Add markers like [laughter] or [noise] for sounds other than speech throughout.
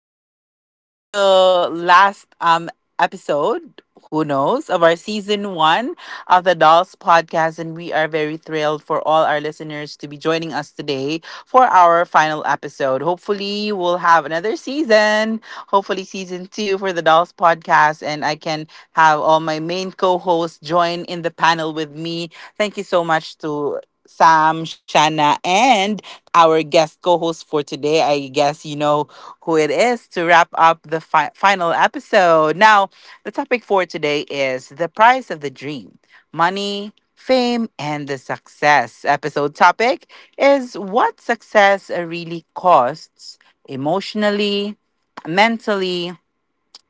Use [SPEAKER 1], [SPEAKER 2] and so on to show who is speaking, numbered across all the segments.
[SPEAKER 1] is perhaps the last episode. Who knows, of our season 1 of the Dolls podcast, and we are very thrilled for all our listeners to be joining us today for our final episode. Hopefully, we'll have another season. Hopefully, season 2 for the Dolls podcast, and I can have all my main co hosts join in the panel with me. Thank you so much to Sam, Shanna, and our guest co host for today. I guess you know who it is to wrap up the final episode. Now, the topic for today is the price of the dream: money, fame, and the success. Episode topic is what success really costs emotionally, mentally,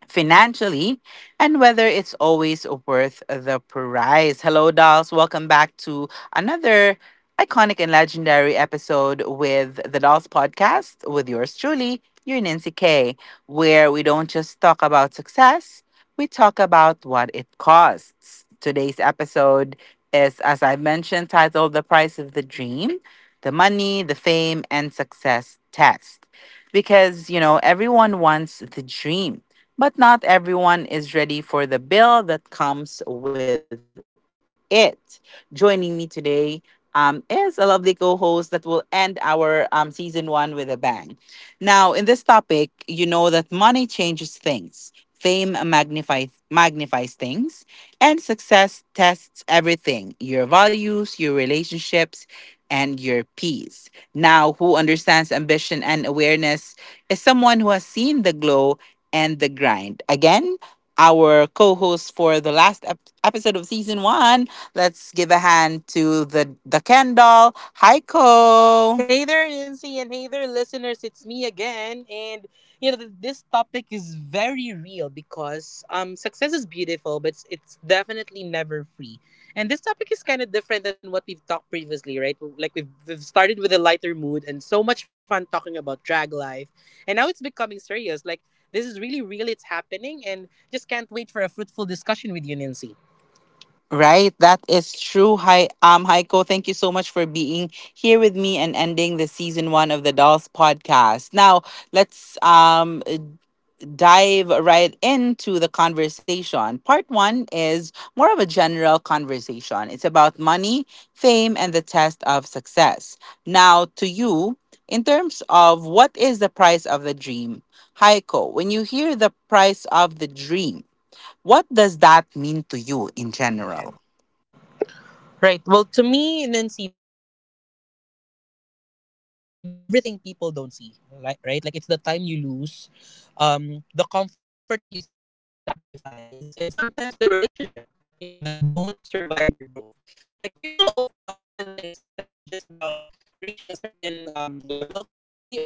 [SPEAKER 1] financially, and whether it's always worth the price. Hello, dolls. Welcome back to another iconic and legendary episode with the Dolls Podcast with yours truly, your Nancy K, where we don't just talk about success, we talk about what it costs. Today's episode is, as I mentioned, titled The Price of the Dream, the Money, the Fame, and Success Test. Because, you know, everyone wants the dream, but not everyone is ready for the bill that comes with it. Joining me today is a lovely co host that will end our season one with a bang. Now, in this topic, you know that money changes things, fame magnifies things, and success tests everything: your values, your relationships, and your peace. Now, who understands ambition and awareness is someone who has seen the glow and the grind. Again, our co host for the last episode of season one. Let's give a hand to the Kendall. Hi, Co.
[SPEAKER 2] Hey there, Nancy, and hey there, listeners. It's me again, and this topic is very real because success is beautiful, but it's definitely never free. And this topic is kind of different than what we've talked previously, right? Like we've started with a lighter mood and so much fun talking about drag life, and now it's becoming serious. Like this is really real; it's happening, and just can't wait for a fruitful discussion with you, Nancy.
[SPEAKER 1] Right, that is true. Hi, Heiko, thank you so much for being here with me and ending the season one of the Dolls podcast. Now, let's dive right into the conversation. Part 1 is more of a general conversation. It's about money, fame, and the test of success. Now, to you, in terms of what is the price of the dream, Heiko, when you hear the price of the dream, what does that mean to you in general?
[SPEAKER 2] Right. Well, to me, Nancy, the price of a dream is everything people don't see. Right. Right. Like it's the time you lose, the comfort you sacrifice, and sometimes the relationship. You know that don't survive your growth. Like people often think success is just about reaching a certain level financially or socially,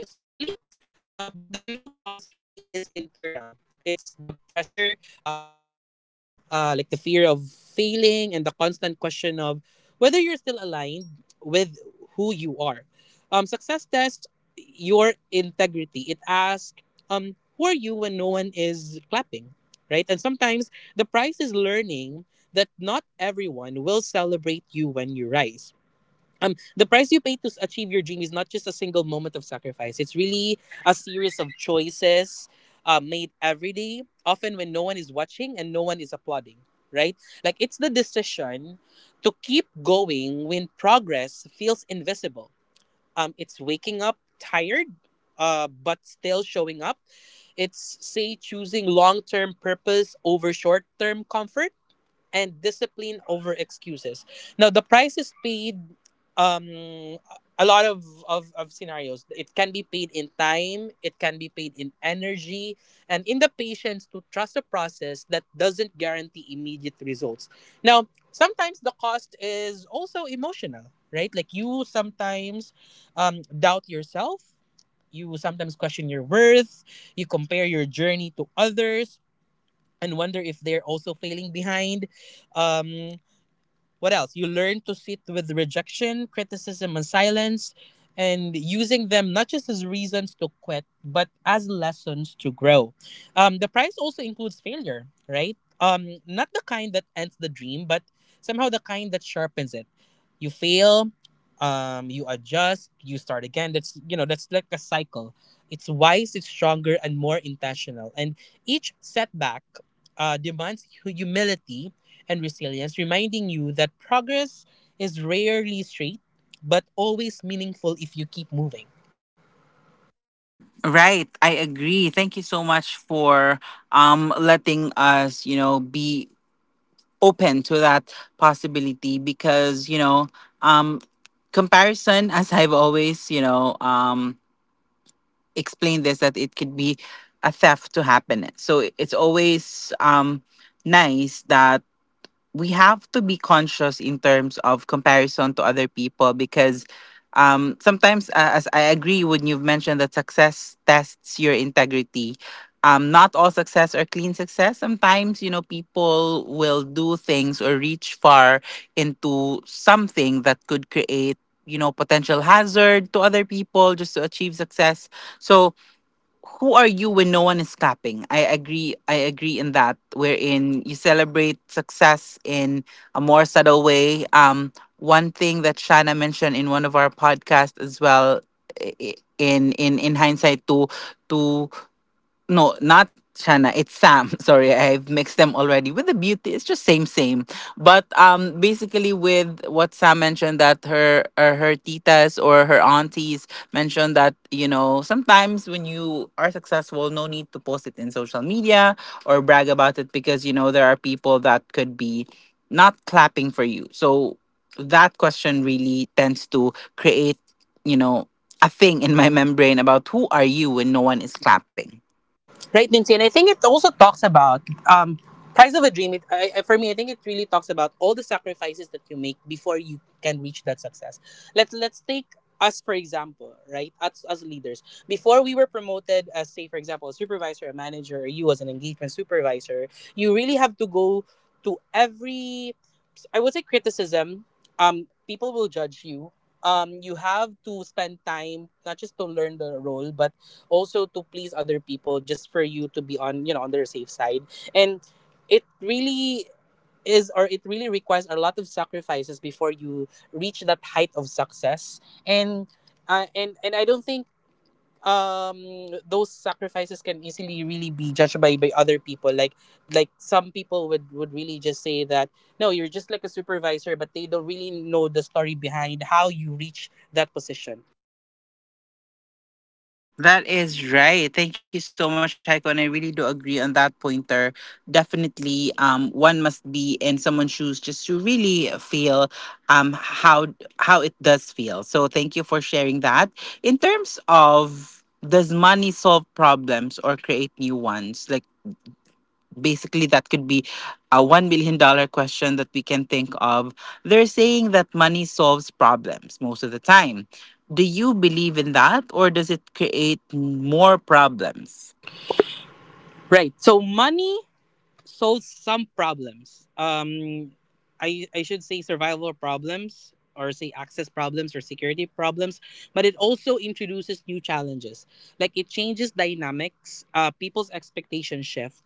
[SPEAKER 2] but the real cost really is internal. It's the pressure, say to maintain, like the fear of failing, and the constant question of whether you're still aligned with who you are. Success tests your integrity. It asks, who are you when no one is clapping, right? And sometimes the price is learning that not everyone will celebrate you when you rise. The price you pay to achieve your dream is not just a single moment of sacrifice. It's really a series of choices made every day, often when no one is watching and no one is applauding, right? Like it's the decision to keep going when progress feels invisible. It's waking up tired, but still showing up. It's say choosing long-term purpose over short-term comfort, and discipline over excuses. Now, the price is paid um a lot of scenarios. It can be paid in time, it can be paid in energy, and in the patience to trust a process that doesn't guarantee immediate results. Now, sometimes the cost is also emotional, right? Like you sometimes doubt yourself. You sometimes question your worth. You compare your journey to others and wonder if they're also failing behind. Um, What else? You learn to sit with rejection, criticism, and silence, and using them not just as reasons to quit, but as lessons to grow. The prize also includes failure, right? Not the kind that ends the dream, but somehow the kind that sharpens it. You fail, you adjust, you start again. That's that's like a cycle. It's wise, it's stronger, and more intentional. And each setback demands humility and resilience, reminding you that progress is rarely straight, but always meaningful if you keep moving.
[SPEAKER 1] Right, I agree. Thank you so much for letting us, you know, be open to that possibility because, you know, um comparison [laughs] as I've always, you know, explained this, that it could be a theft to happiness. So it's always nice that we have to be conscious in terms of comparison to other people because sometimes, as I agree when you've mentioned that success tests your integrity, not all success or clean success. Sometimes, you know, people will do things or reach far into something that could create, you know, potential hazard to other people just to achieve success. So, who are you when no one is clapping? I agree. I agree in that. Wherein you celebrate success in a more subtle way. One thing that Shana mentioned in one of our podcasts as well, in hindsight, to no, not Shanna. It's Sam. [laughs] Sorry, I've mixed them already. With the beauty, it's just same, same. But basically, with what Sam mentioned, that her or her titas or her aunties mentioned, that you know sometimes when you are successful, no need to post it in social media or brag about it, because you know there are people that could be not clapping for you. So that question really tends to create, you know, a thing in my [laughs] membrane about who are you when no one is clapping.
[SPEAKER 2] Right, Nancy, and I think it also talks about um, price of a dream. For me, I think it really talks about all the sacrifices that you make before you can reach that success. Let's take us for example, right? As leaders, before we were promoted as, say, for example, a supervisor, a manager, or you as an engagement supervisor, you really have to go to every, I would say, criticism. People will judge you. You have to spend time not just to learn the role, but also to please other people just for you to be on on their safe side, and it really is, or it really requires a lot of sacrifices before you reach that height of success. And I don't think those sacrifices can easily really be judged by other people. Like some people would really just say that no, you're just like a supervisor, but they don't really know the story behind how you reach that position.
[SPEAKER 1] That is right. Thank you so much, Heiko. And I really do agree on that pointer. Definitely, one must be in someone's shoes just to really feel um how how it does feel. So thank you for sharing that. In terms of, does money solve problems or create new ones? Like basically that could be a $1 million question that we can think of. They're saying that money solves problems most of the time. Do you believe in that, or does it create more problems?
[SPEAKER 2] Right, so money solves some problems. I should say survival problems, or say access problems or security problems, but it also introduces new challenges. Like it changes dynamics. People's expectations shift.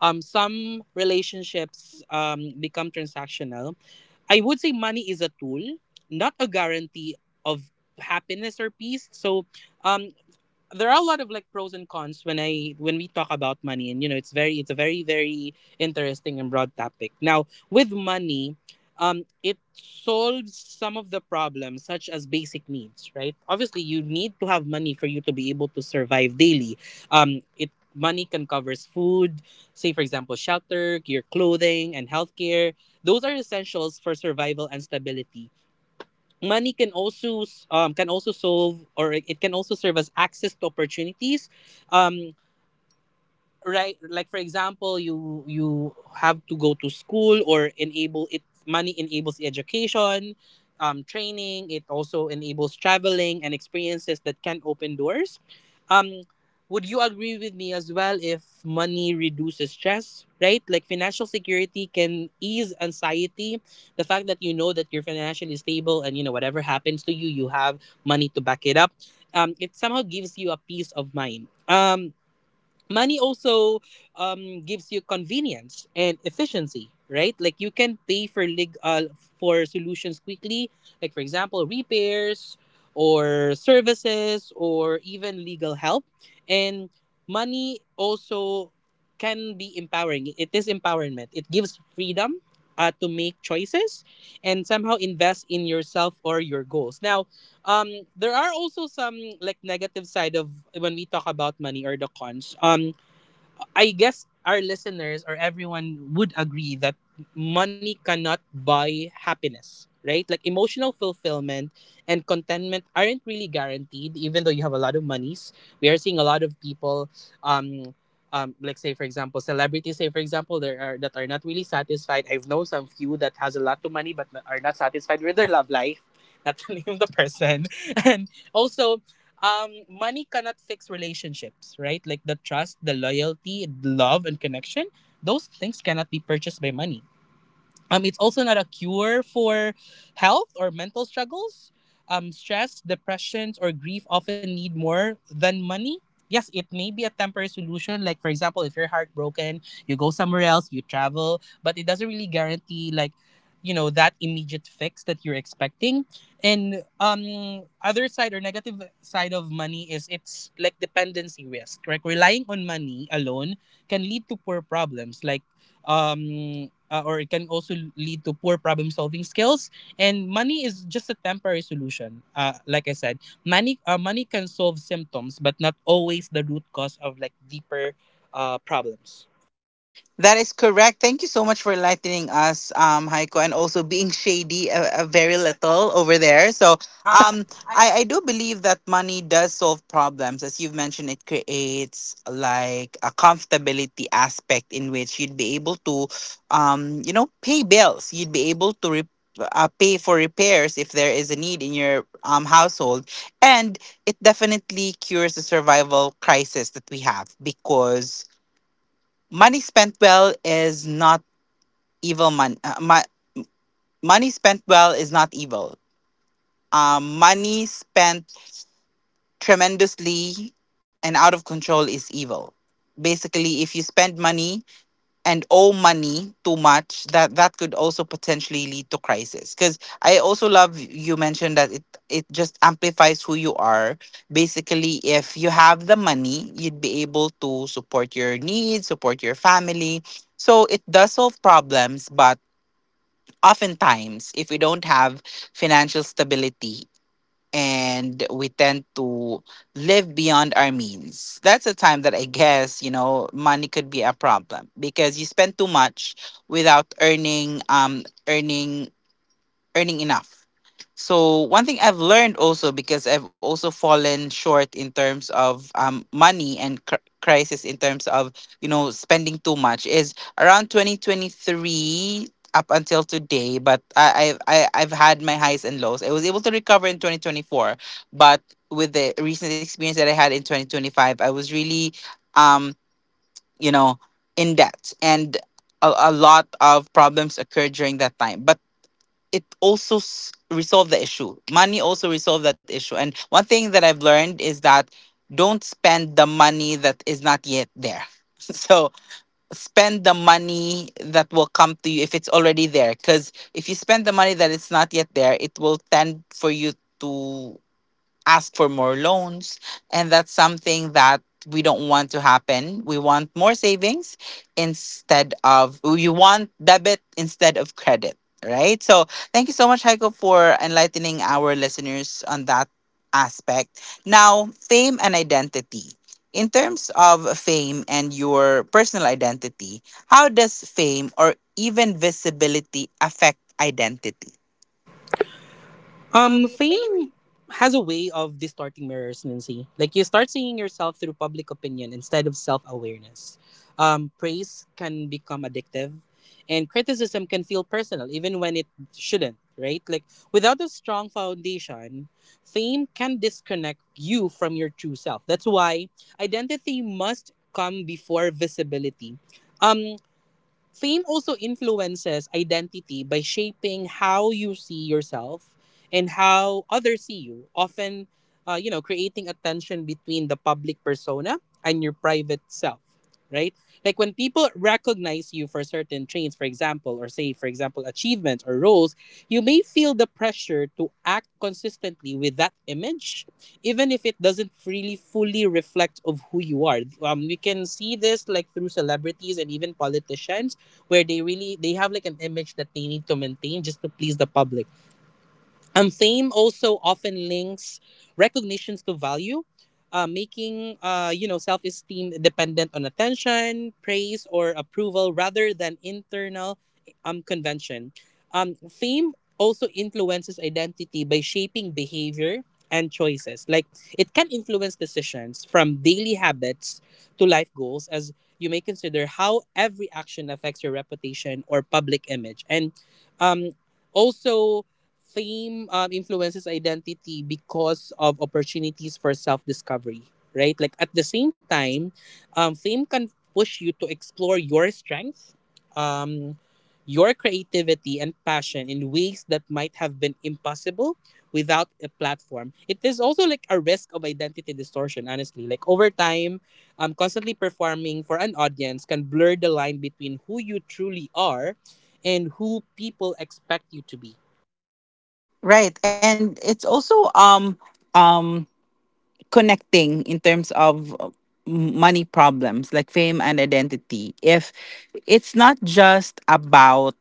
[SPEAKER 2] Some relationships become transactional. I would say money is a tool, not a guarantee of happiness or peace. So, um, there are a lot of like pros and cons when I when we talk about money. And you know it's very, it's a very, very interesting and broad topic. Now with money, it solves some of the problems such as basic needs, right? Obviously, you need to have money for you to be able to survive daily. It Money can covers food, say for example shelter, your clothing, and healthcare. Those are essentials for survival and stability. Money can also can also solve, or it can also serve as access to opportunities. um, right, like for example, you have to go to school, or enable it. Money enables education, training. It also enables traveling and experiences that can open doors. um would you agree with me as well if money reduces stress, right? Like financial security can ease anxiety. The fact that you know that you're financially stable, and you know whatever happens to you, you have money to back it up. It somehow gives you a peace of mind. Money also gives you convenience and efficiency, right? Like you can pay for for solutions quickly, like for example repairs or services or even legal help. And money also can be empowering. It is empowerment. It gives freedom to make choices, and somehow invest in yourself or your goals. Now there are also some like negative side of when we talk about money, or the cons. I guess our listeners or everyone would agree that money cannot buy happiness, right? Like emotional fulfillment and contentment aren't really guaranteed, even though you have a lot of monies. We are seeing a lot of people, um, like say for example, celebrities. Say for example, there are that are not really satisfied. I've known some few that has a lot of money but are not satisfied with their love life. Not to [laughs] name the person, and also money cannot fix relationships, right? Like the trust, the loyalty, the love and connection, those things cannot be purchased by money. It's also not a cure for health or mental struggles. Stress, depressions, or grief often need more than money. Yes, it may be a temporary solution. Like, for example, if you're heartbroken, you go somewhere else, you travel, but it doesn't really guarantee, like, you know, that immediate fix that you're expecting. And other side or negative side of money is it's like dependency risk, right? Relying on money alone can lead to poor problems like or it can also lead to poor problem solving skills. And money is just a temporary solution. Like I said, money can solve symptoms, but not always the root cause of like deeper problems.
[SPEAKER 1] That is correct. Thank you so much for enlightening us, Heiko, and also being shady a very little over there. So,
[SPEAKER 2] Um,
[SPEAKER 1] um, I do believe that money does solve problems. As you've mentioned, it creates like a comfortability aspect in which you'd be able to, you know, pay bills. You'd be able to pay for repairs if there is a need in your household, and it definitely cures the survival crisis that we have, because money spent well is not evil. Money, money spent well is not evil. Money spent tremendously and out of control is evil. Basically, if you spend money and owe money too much, that that could also potentially lead to crisis, because I also love you mentioned that it just amplifies who you are. Basically, if you have the money, you'd be able to support your needs, support your family. So it does solve problems, but oftentimes if we don't have financial stability and we tend to live beyond our means. That's a time that I guess, you know, money could be a problem because you spend too much without earning earning earning enough. So one thing I've learned also, because I've also fallen short in terms of money and crisis in terms of you know spending too much, is around 2023 up until today, but I've had my highs and lows. I was able to recover in 2024, but with the recent experience that I had in 2025, I was really um you know in debt, and a lot of problems occurred during that time. But it also resolved the issue. Money also resolved that issue. And one thing that I've learned is that don't spend the money that is not yet there. [laughs] So spend the money that will come to you if it's already there. Because if you spend the money that is not yet there, it will tend for you to ask for more loans. And that's something that we don't want to happen. We want more savings instead of, you want debit instead of credit, right? So thank you so much, Heiko, for enlightening our listeners on that aspect. Now, fame and identity. In terms of fame and your personal identity, how does fame or even visibility affect identity?
[SPEAKER 2] Fame has a way of distorting mirrors, Nancy. Like you start seeing yourself through public opinion instead of self awareness. Praise can become addictive, and criticism can feel personal, even when it shouldn't. Right? Like without a strong foundation, fame can disconnect you from your true self. That's why identity must come before visibility. Um, Fame also influences identity by shaping how you see yourself and how others see you, often, you know, creating a tension between the public persona and your private self, right? Like when people recognize you for certain traits, for example, or say, for example, achievements or roles, you may feel the pressure to act consistently with that image, even if it doesn't really fully reflect of who you are. We can see this like through celebrities and even politicians, where they really they have like an image that they need to maintain just to please the public. Fame also often links recognitions to value, making you know self-esteem dependent on attention, praise, or approval rather than internal convention. Fame also influences identity by shaping behavior and choices. Like it can influence decisions from daily habits to life goals, as you may consider how every action affects your reputation or public image. And um, also, fame influences identity because of opportunities for self-discovery, right? Like at the same time, fame can push you to explore your strength, um, your creativity and passion in ways that might have been impossible without a platform. It is also like a risk of identity distortion, honestly. Like over time, constantly performing for an audience can blur the line between who you truly are and who people expect you to be.
[SPEAKER 1] Right. And it's also um connecting in terms of money problems like fame and identity. If it's not just about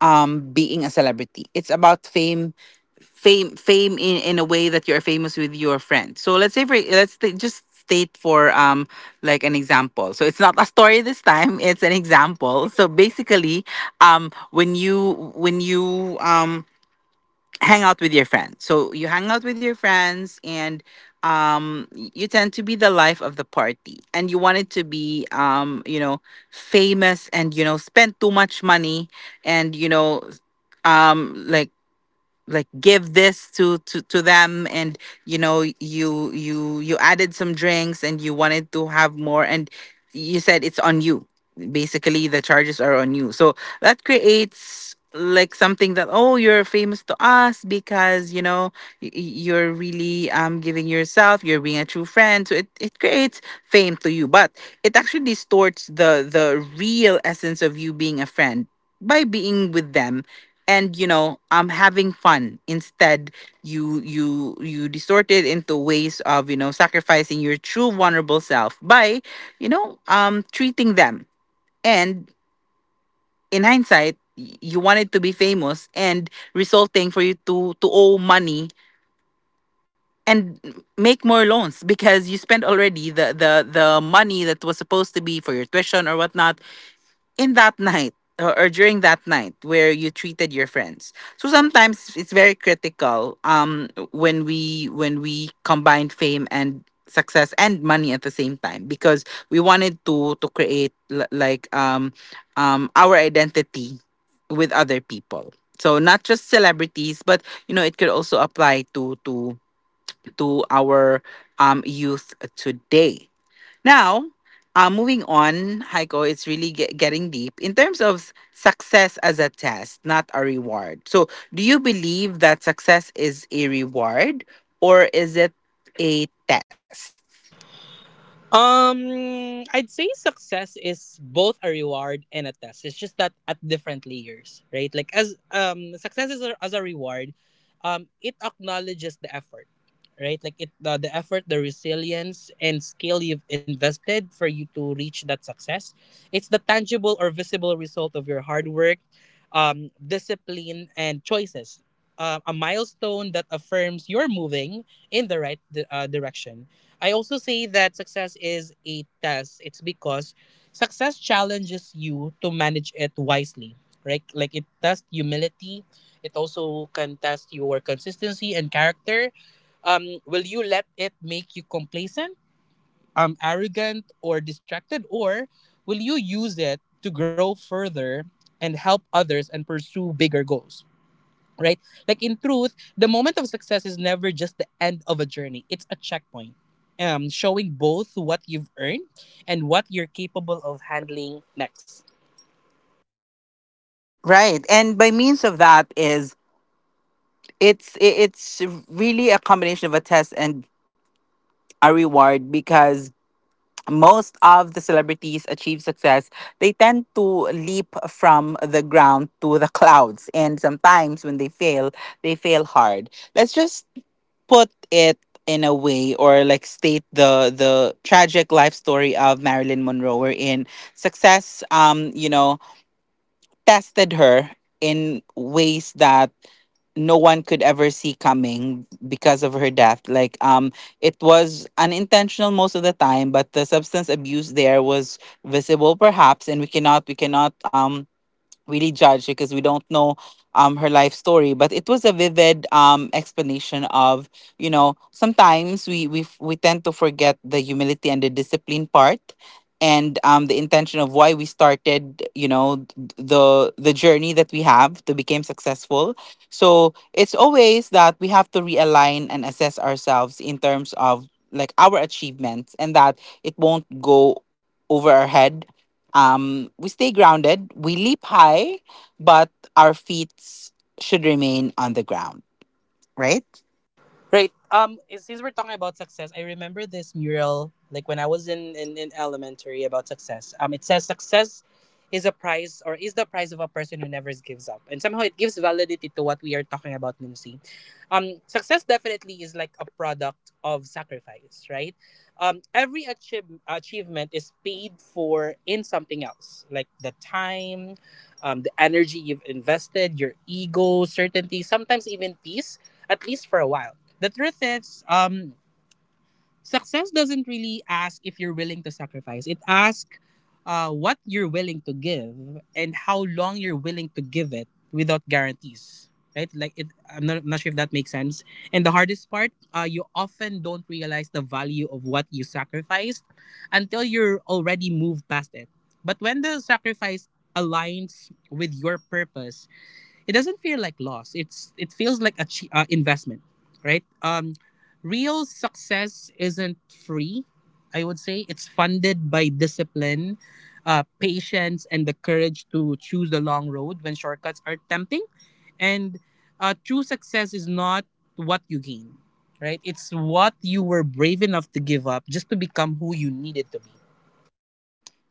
[SPEAKER 1] being a celebrity. It's about fame in a way that you're famous with your friends. So let's say for let's just state for like an example. So it's not a story this time, it's an example. So basically when you hang out with your friends. So you hang out with your friends, and you tend to be the life of the party, and you wanted to be you know famous and you know spend too much money, and you know um like like give this to to them, and you know you added some drinks and you wanted to have more, and you said it's on you. Basically the charges are on you. So that creates like something that, oh, you're famous to us because you know you're really giving yourself, you're being a true friend. So it creates fame to you, but it actually distorts the real essence of you being a friend by being with them and you know I'm having fun. Instead, you distort it into ways of, you know, sacrificing your true vulnerable self by you know treating them, and in hindsight you wanted to be famous, and resulting for you to owe money and make more loans, because you spent already the money that was supposed to be for your tuition or whatnot in that night, or during that night where you treated your friends. So sometimes it's very critical when we combine fame and success and money at the same time, because we wanted to create like our identity with other people. So not just celebrities, but you know it could also apply to to our youth today. Now, moving on, Heiko, it's really getting deep in terms of success as a test, not a reward. So, do you believe that success is a reward, or is it a test?
[SPEAKER 2] I'd say success is both a reward and a test. It's just that at different layers, right? Like as success is as a reward, it acknowledges the effort, right? Like the effort, the resilience and skill you've invested for you to reach that success. It's the tangible or visible result of your hard work, discipline and choices. A milestone that affirms you're moving in the right direction. I also say that success is a test. It's because success challenges you to manage it wisely, right? Like it tests humility. It also can test your consistency and character. Will you let it make you complacent, arrogant, or distracted, or will you use it to grow further and help others and pursue bigger goals, right? Like in truth, the moment of success is never just the end of a journey. It's a checkpoint, showing both what you've earned and what you're capable of handling next.
[SPEAKER 1] Right. And by means of that, it's really a combination of a test and a reward because most of the celebrities achieve success, they tend to leap from the ground to the clouds. And sometimes when they fail hard. Let's just put it in a way, or like state the tragic life story of Marilyn Monroe, wherein success tested her in ways that no one could ever see coming because of her death. Like, it was unintentional most of the time, but the substance abuse there was visible perhaps, and we cannot really judge because we don't know her life story. But it was a vivid explanation of, sometimes we tend to forget the humility and the discipline part, and the intention of why we started, the journey that we have to become successful. So it's always that we have to realign and assess ourselves in terms of like our achievements, and that it won't go over our head. We stay grounded, we leap high, but our feet should remain on the ground, right?
[SPEAKER 2] Right. Since we're talking about success, I remember this mural like when I was in elementary about success. It says success is a prize or is the prize of a person who never gives up, and somehow it gives validity to what we are talking about, Nancy. Success definitely is like a product of sacrifice, right? Every achievement is paid for in something else, like the time, the energy you've invested, your ego, certainty, sometimes even peace at least for a while. The truth is, success doesn't really ask if you're willing to sacrifice. It asks what you're willing to give and how long you're willing to give it without guarantees. Right? Like I'm not sure if that makes sense. And the hardest part, you often don't realize the value of what you sacrificed until you're already moved past it. But when the sacrifice aligns with your purpose, it doesn't feel like loss. It feels like a investment, right? Real success isn't free. I would say it's funded by discipline, patience, and the courage to choose the long road when shortcuts are tempting. And true success is not what you gain, right? It's what you were brave enough to give up just to become who you needed to be.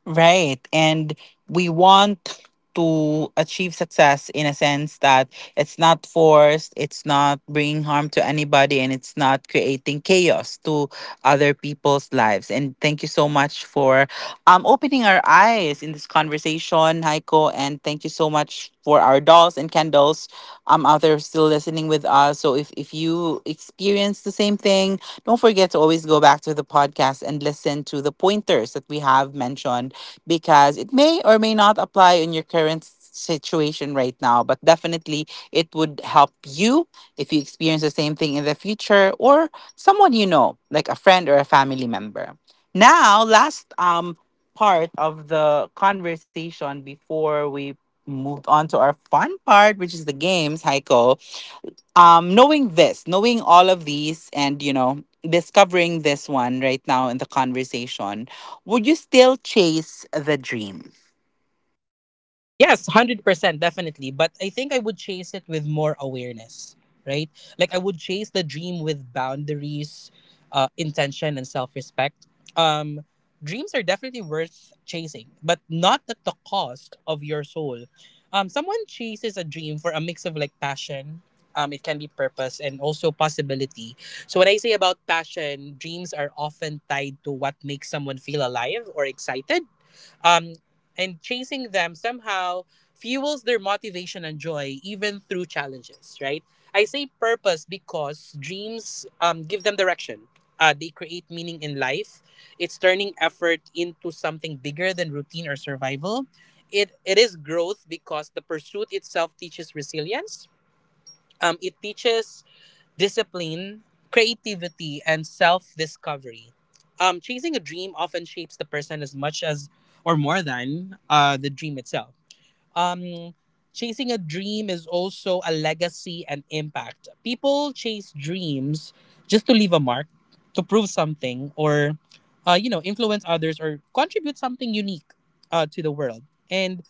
[SPEAKER 1] Right. And we want to achieve success in a sense that it's not forced, it's not bringing harm to anybody, and it's not creating chaos to other people's lives. And thank you so much for opening our eyes in this conversation, Heiko. And thank you so much for our dolls and candles out there still listening with us. So if you experience the same thing, don't forget to always go back to the podcast and listen to the pointers that we have mentioned, because it may or may not apply in your current situation right now, but definitely it would help you if you experience the same thing in the future, or someone you know, like a friend or a family member. Now, last part of the conversation before we moved on to our fun part, which is the games. Heiko, knowing this, knowing all of these, and discovering this one right now in the conversation, would you still chase the dream?
[SPEAKER 2] Yes, 100%, definitely. But I think I would chase it with more awareness, right? Like I would chase the dream with boundaries, intention, and self respect. Um, dreams are definitely worth chasing, but not at the cost of your soul. Someone chases a dream for a mix of like passion. It can be purpose and also possibility. So when I say about passion, dreams are often tied to what makes someone feel alive or excited, um, and chasing them somehow fuels their motivation and joy even through challenges, right? I say purpose because dreams give them direction. They create meaning in life. It's turning effort into something bigger than routine or survival. It is growth because the pursuit itself teaches resilience, it teaches discipline, creativity, and self discovery. Chasing a dream often shapes the person as much as or more than the dream itself. um Chasing a dream is also a legacy and impact. People chase dreams just to leave a mark, to prove something, or you know, influence others or contribute something unique to the world. And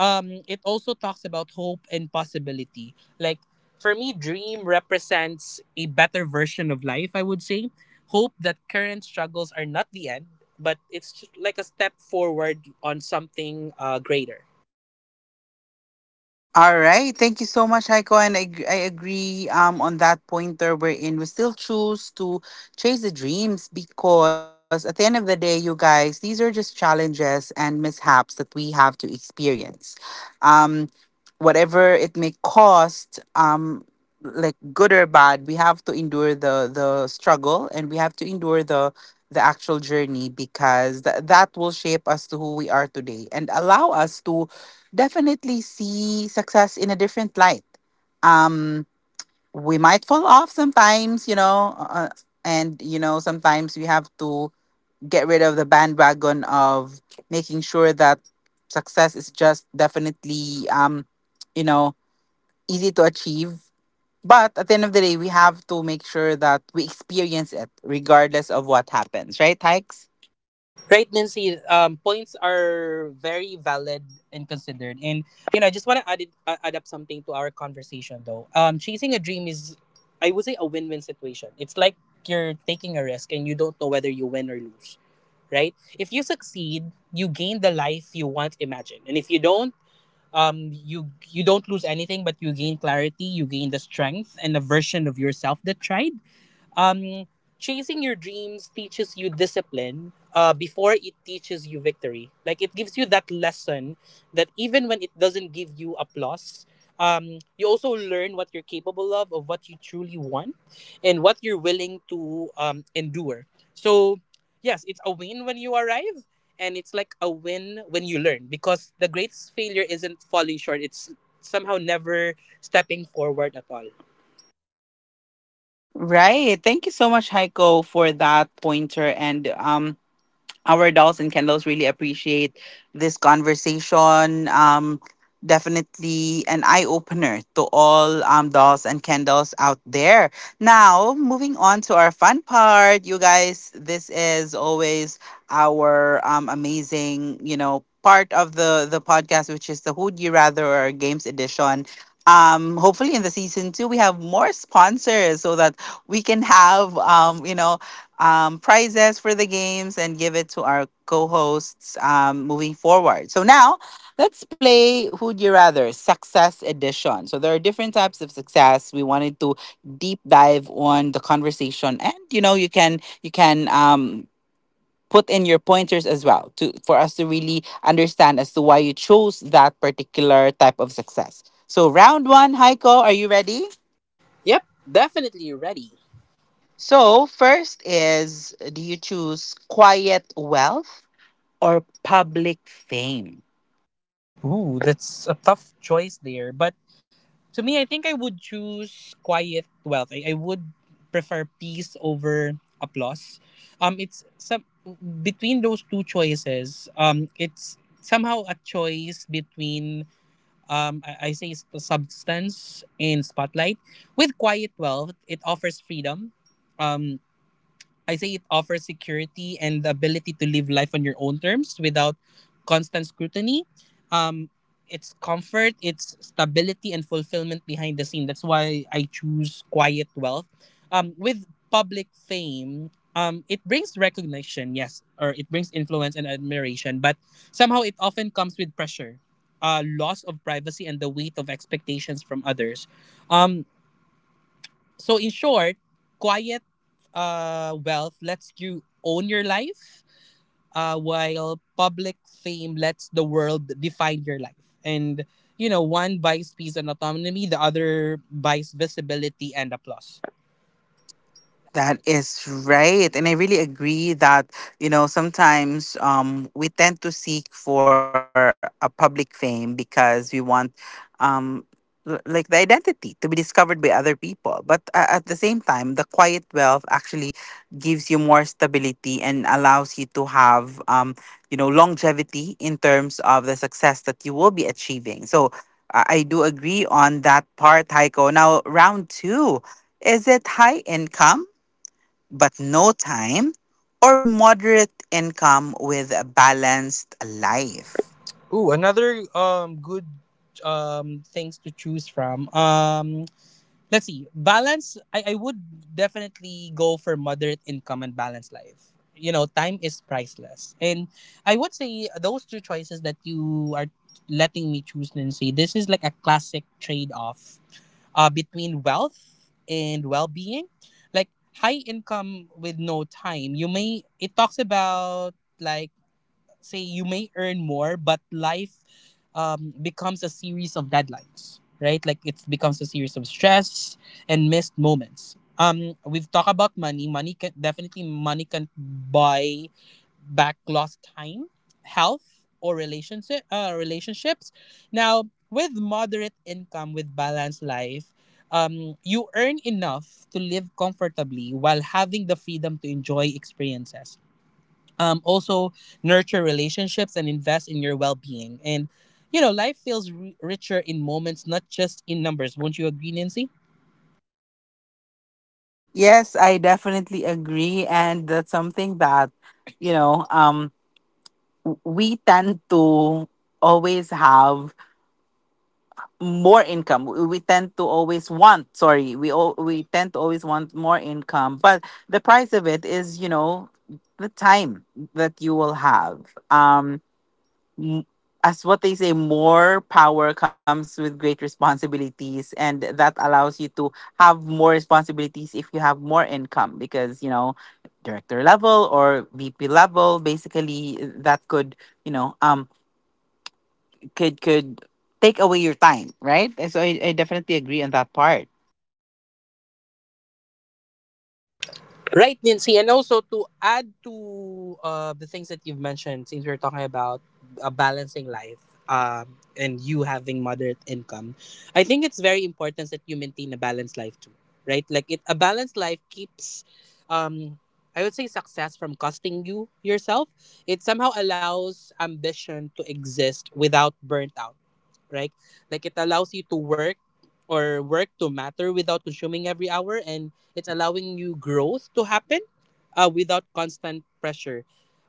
[SPEAKER 2] it also talks about hope and possibility. Like for me, dream represents a better version of life. I would say hope that current struggles are not the end, but it's just like a step forward on something greater.
[SPEAKER 1] All right. Thank you so much, Heiko. And I agree on that pointer, wherein we still choose to chase the dreams because at the end of the day, you guys, these are just challenges and mishaps that we have to experience. Um, whatever it may cost, like good or bad, we have to endure the struggle and we have to endure the actual journey because that will shape us to who we are today and allow us to definitely see success in a different light. Um, we might fall off sometimes, and sometimes we have to get rid of the bandwagon of making sure that success is just definitely, you know, easy to achieve. But at the end of the day, we have to make sure that we experience it regardless of what happens, right, Hikes?
[SPEAKER 2] Pregnancy points are very valid and considered. And you know, I just want to add add up something to our conversation though. Chasing a dream is, I would say, a win-win situation. It's like you're taking a risk and you don't know whether you win or lose, right? If you succeed, you gain the life you once imagined, and if you don't, you don't lose anything, but you gain clarity, you gain the strength and a version of yourself that tried. um, Chasing your dreams teaches you discipline before it teaches you victory. Like it gives you that lesson that even when it doesn't give you applause, you also learn what you're capable of what you truly want, and what you're willing to endure. So, yes, it's a win when you arrive, and it's like a win when you learn because the greatest failure isn't falling short, it's somehow never stepping forward at all.
[SPEAKER 1] Right. Thank you so much, Heiko, for that pointer. And our dolls and candles really appreciate this conversation. Definitely an eye opener to all dolls and candles out there. Now, moving on to our fun part, you guys, this is always our amazing, part of the podcast, which is the Who'd You Rather or Games Edition. Hopefully in the season two we have more sponsors, so that we can have prizes for the games and give it to our co-hosts moving forward. So now let's play Who'd You Rather Success Edition. So there are different types of success. We wanted to deep dive on the conversation, and you can put in your pointers as well to for us to really understand as to why you chose that particular type of success. So round one, Heiko, are you ready?
[SPEAKER 2] Yep, definitely ready.
[SPEAKER 1] So first is, do you choose quiet wealth or public fame?
[SPEAKER 2] Ooh, that's a tough choice there. But to me, I think I would choose quiet wealth. I would prefer peace over applause. It's some between those two choices. It's somehow a choice between I say substance and spotlight. With quiet wealth, it offers freedom. Um, I say it offers security and the ability to live life on your own terms without constant scrutiny. Um, it's comfort, it's stability and fulfillment behind the scene. That's why I choose quiet wealth. With public fame, it brings recognition, yes, or it brings influence and admiration, but somehow it often comes with pressure, loss of privacy, and the weight of expectations from others. Um, so in short, quiet wealth lets you own your life, while public fame lets the world define your life. And you know, one buys peace and autonomy, the other buys visibility and applause.
[SPEAKER 1] That is right. And I really agree that, you know, sometimes we tend to seek for a public fame because we want, um, like, the identity to be discovered by other people. But at the same time, the quiet wealth actually gives you more stability and allows you to have, longevity in terms of the success that you will be achieving. So I do agree on that part, Heiko. Now, round two, is it high income but no time, or moderate income with a balanced life?
[SPEAKER 2] Ooh, another good things to choose from. Let's see. Balance, I would definitely go for moderate income and balanced life. You know, time is priceless. And I would say those two choices that you are letting me choose, Nancy, this is like a classic trade off between wealth and well being. Like high income with no time, it talks about like say you may earn more, but life becomes a series of deadlines, right? Like it becomes a series of stress and missed moments. We've talked about money. Money can definitely Money can buy back lost time, health, or relationships. Now, with moderate income, with balanced life, you earn enough to live comfortably while having the freedom to enjoy experiences, also nurture relationships and invest in your well-being. And you know, life feels ri richer in moments, not just in numbers. Won't you agree, Nancy?
[SPEAKER 1] Yes, I definitely agree. And that's something that, you know, we tend to always have more income. We tend to always want, sorry, we tend to always want more income. But the price of it is, you know, the time that you will have. Um, as what they say, more power comes with great responsibilities, and that allows you to have more responsibilities if you have more income, because you know, director level or VP level, basically, that could, you know, could take away your time, right? And so I definitely agree on that part.
[SPEAKER 2] Right, Nancy, and also to add to the things that you've mentioned, since we're talking about balancing life, and you having moderate income, I think it's very important that you maintain a balanced life too, right? Like a balanced life keeps, um, I would say, success from costing you yourself. It somehow allows ambition to exist without burnt out, right? Like it allows you to work to matter without consuming every hour, and it's allowing you growth to happen without constant pressure.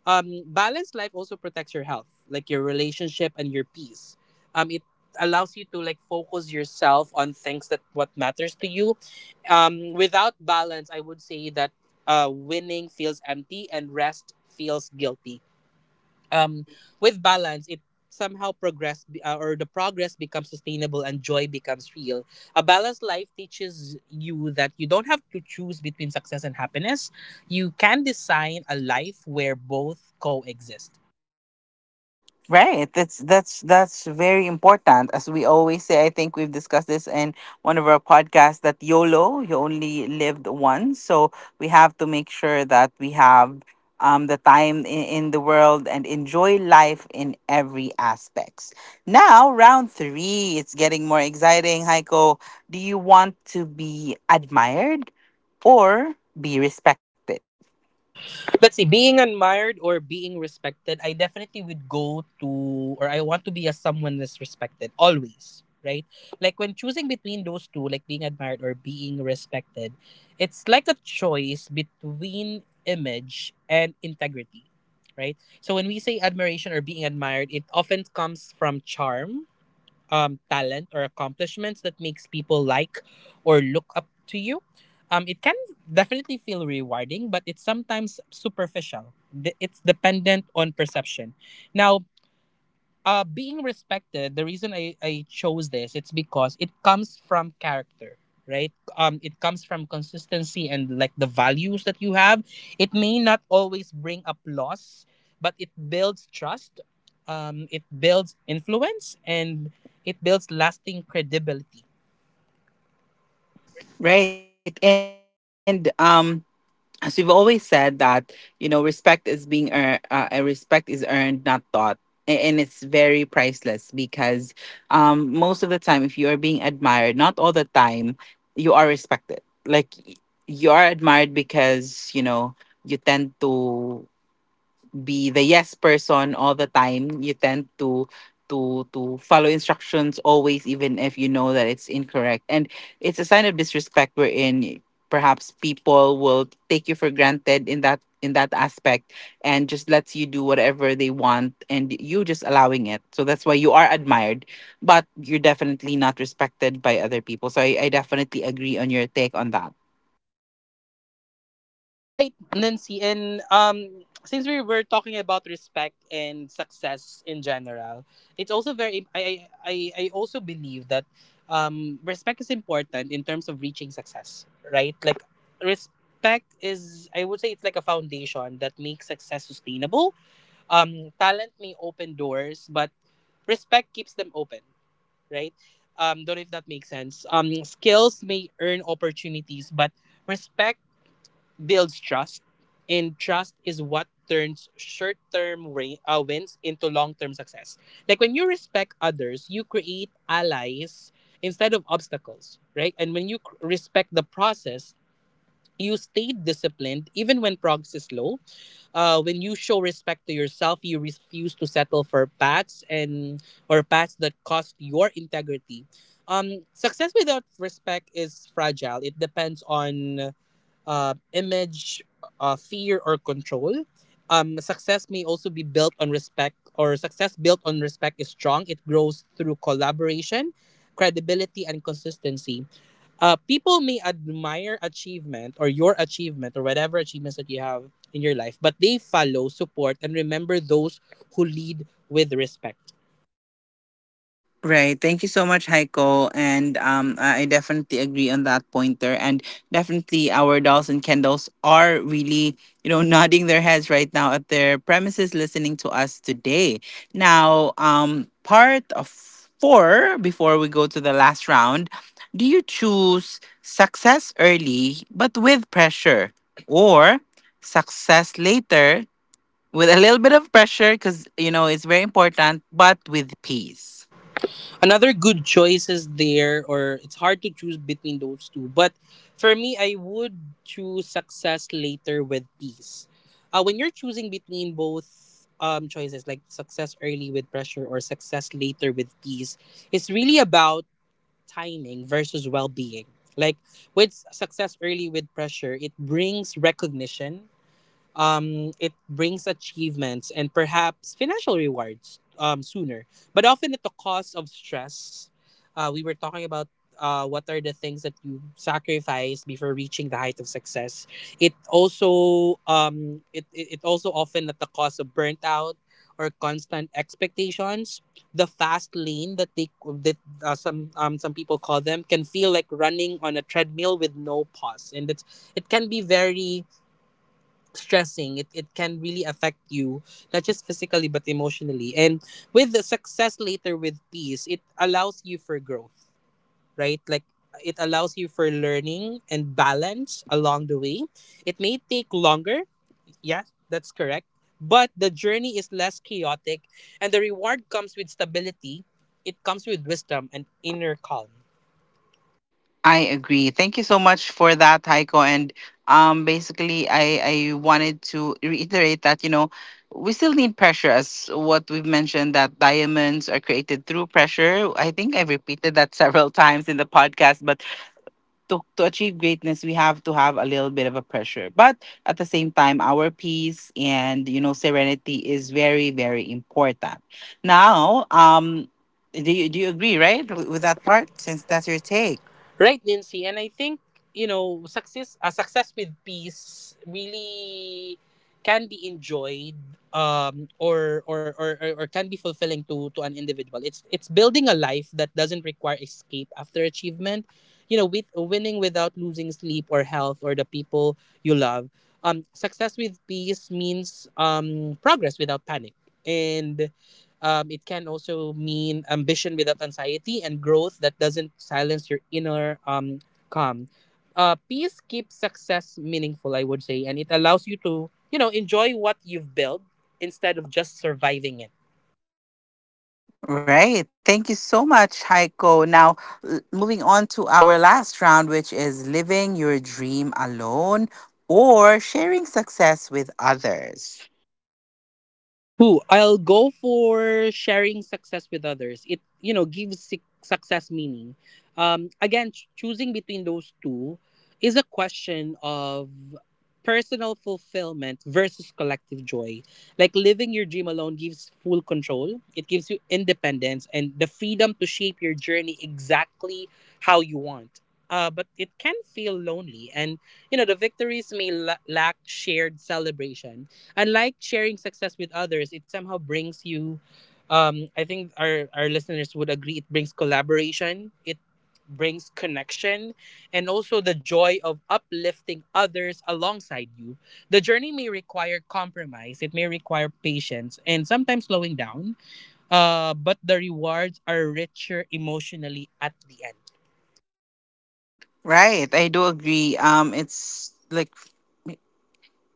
[SPEAKER 2] Balanced life also protects your health, like your relationship and your peace. It allows you to like focus yourself on things that what matters to you. Without balance, I would say that winning feels empty and rest feels guilty. um, with balance, it somehow progress be- or the progress becomes sustainable and joy becomes real. A balanced life teaches you that you don't have to choose between success and happiness. You can design a life where both coexist.
[SPEAKER 1] Right. That's very important. As we always say, I think we've discussed this in one of our podcasts, that YOLO, you only lived once. So we have to make sure that we have the time in the world and enjoy life in every aspects. Now, round three, it's getting more exciting. Heiko, do you want to be admired or be respected?
[SPEAKER 2] Let's see, being admired or being respected, I definitely would go to or I want to be as someone that's respected always, right? Like when choosing between those two, like being admired or being respected, it's like a choice between image and integrity, right? So when we say admiration or being admired, it often comes from charm, talent or accomplishments that makes people like or look up to you. It can definitely feel rewarding, but it's sometimes superficial. It's dependent on perception. Now, being respected, the reason I chose this, it's because it comes from character, right? It comes from consistency and like the values that you have. It may not always bring applause, but it builds trust, it builds influence, and it builds lasting credibility.
[SPEAKER 1] Right. And as we've always said that, you know, respect is being earned. Respect is earned, not taught. And it's very priceless, because most of the time, if you are being admired, not all the time you are respected. Like, you are admired because, you know, you tend to be the yes person all the time. You tend to follow instructions always, even if you know that it's incorrect, and it's a sign of disrespect, wherein perhaps people will take you for granted in that, in that aspect, and just lets you do whatever they want, and you just allowing it. So that's why you are admired, but you're definitely not respected by other people. So I definitely agree on your take on that.
[SPEAKER 2] Right, Nancy, and since we were talking about respect and success in general, it's also very. I also believe that respect is important in terms of reaching success. Right, like respect is. I would say it's like a foundation that makes success sustainable. Talent may open doors, but respect keeps them open. Right. Don't know if that makes sense. Skills may earn opportunities, but respect builds trust, and trust is what turns short-term wins into long-term success. Like when you respect others, you create allies instead of obstacles, right? And when you respect the process, you stay disciplined even when progress is slow. When you show respect to yourself, you refuse to settle for paths and or paths that cost your integrity. Success without respect is fragile. It depends on image, fear, or control. Success may also be built on respect, or success built on respect is strong. It grows through collaboration, credibility, and consistency. People may admire achievement or your achievement or whatever achievements that you have in your life, but they follow, support, and remember those who lead with respect.
[SPEAKER 1] Right. Thank you so much, Heiko. And I definitely agree on that pointer. And definitely, our dolls and Kendalls are really, you know, [laughs] nodding their heads right now at their premises, listening to us today. Now, part of four, before we go to the last round, do you choose success early but with pressure, or success later with a little bit of pressure because you know it's very important, but with peace?
[SPEAKER 2] Another good choice is there, or it's hard to choose between those two, but for me, I would choose success later with peace. When you're choosing between both choices like success early with pressure or success later with peace, it's really about timing versus well-being. Like, with success early with pressure, it brings recognition. It brings achievements and perhaps financial rewards sooner, but often at the cost of stress. We were talking about what are the things that you sacrifice before reaching the height of success. It also it, it, it also often at the cost of burnt out or constant expectations. The fast lane that they that some people call them can feel like running on a treadmill with no pause, and it can be very stressing. It it, can really affect you, not just physically but emotionally. And with the success later with peace, it allows you for growth, right? Like, it allows you for learning and balance along the way. It may take longer. Yeah, that's correct. But the journey is less chaotic, and the reward comes with stability. It comes with wisdom and inner calm.
[SPEAKER 1] I agree. Thank you so much for that, Heiko. And basically, I wanted to reiterate that, you know, we still need pressure, as what we've mentioned, that diamonds are created through pressure. I think I've repeated that [laughs] several times in the podcast, but to achieve greatness, we have to have a little bit of a pressure. But at the same time, our peace and, you know, serenity is very very important. Now, do you agree, right, with
[SPEAKER 2] That
[SPEAKER 1] that
[SPEAKER 2] part,
[SPEAKER 1] part?
[SPEAKER 2] since
[SPEAKER 1] Since
[SPEAKER 2] that's
[SPEAKER 1] that's
[SPEAKER 2] your
[SPEAKER 1] your
[SPEAKER 2] take.
[SPEAKER 1] take.
[SPEAKER 2] Right, Nancy. And I think, you know, success success with peace really can be enjoyed or can be fulfilling to an individual. It's building a life that doesn't require escape after achievement. You know, with winning without losing sleep or health or the people you love. Success with peace means progress without panic. And it can also mean ambition without anxiety and growth that doesn't silence your inner calm. Peace keeps success meaningful, I would say, and it allows you to, you know, enjoy what you've built instead of just surviving it.
[SPEAKER 1] Right. Thank you so much, Heiko. Now, moving on to our last round, which is living your dream alone or sharing success with others.
[SPEAKER 2] Who? I'll go for sharing success with others. It, you know, gives success meaning. Again, choosing between those two is a question of personal fulfillment versus collective joy. Like, living your dream alone gives full control. It gives you independence and the freedom to shape your journey exactly how you want. But it can feel lonely, and you know the victories may lack shared celebration, unlike sharing success with others. It somehow brings you. I think our listeners would agree. It brings collaboration. It brings connection, and also the joy of uplifting others alongside you. The journey may require compromise. It may require patience and sometimes slowing down. But the rewards are richer emotionally at the end.
[SPEAKER 1] Right. I do agree. It's like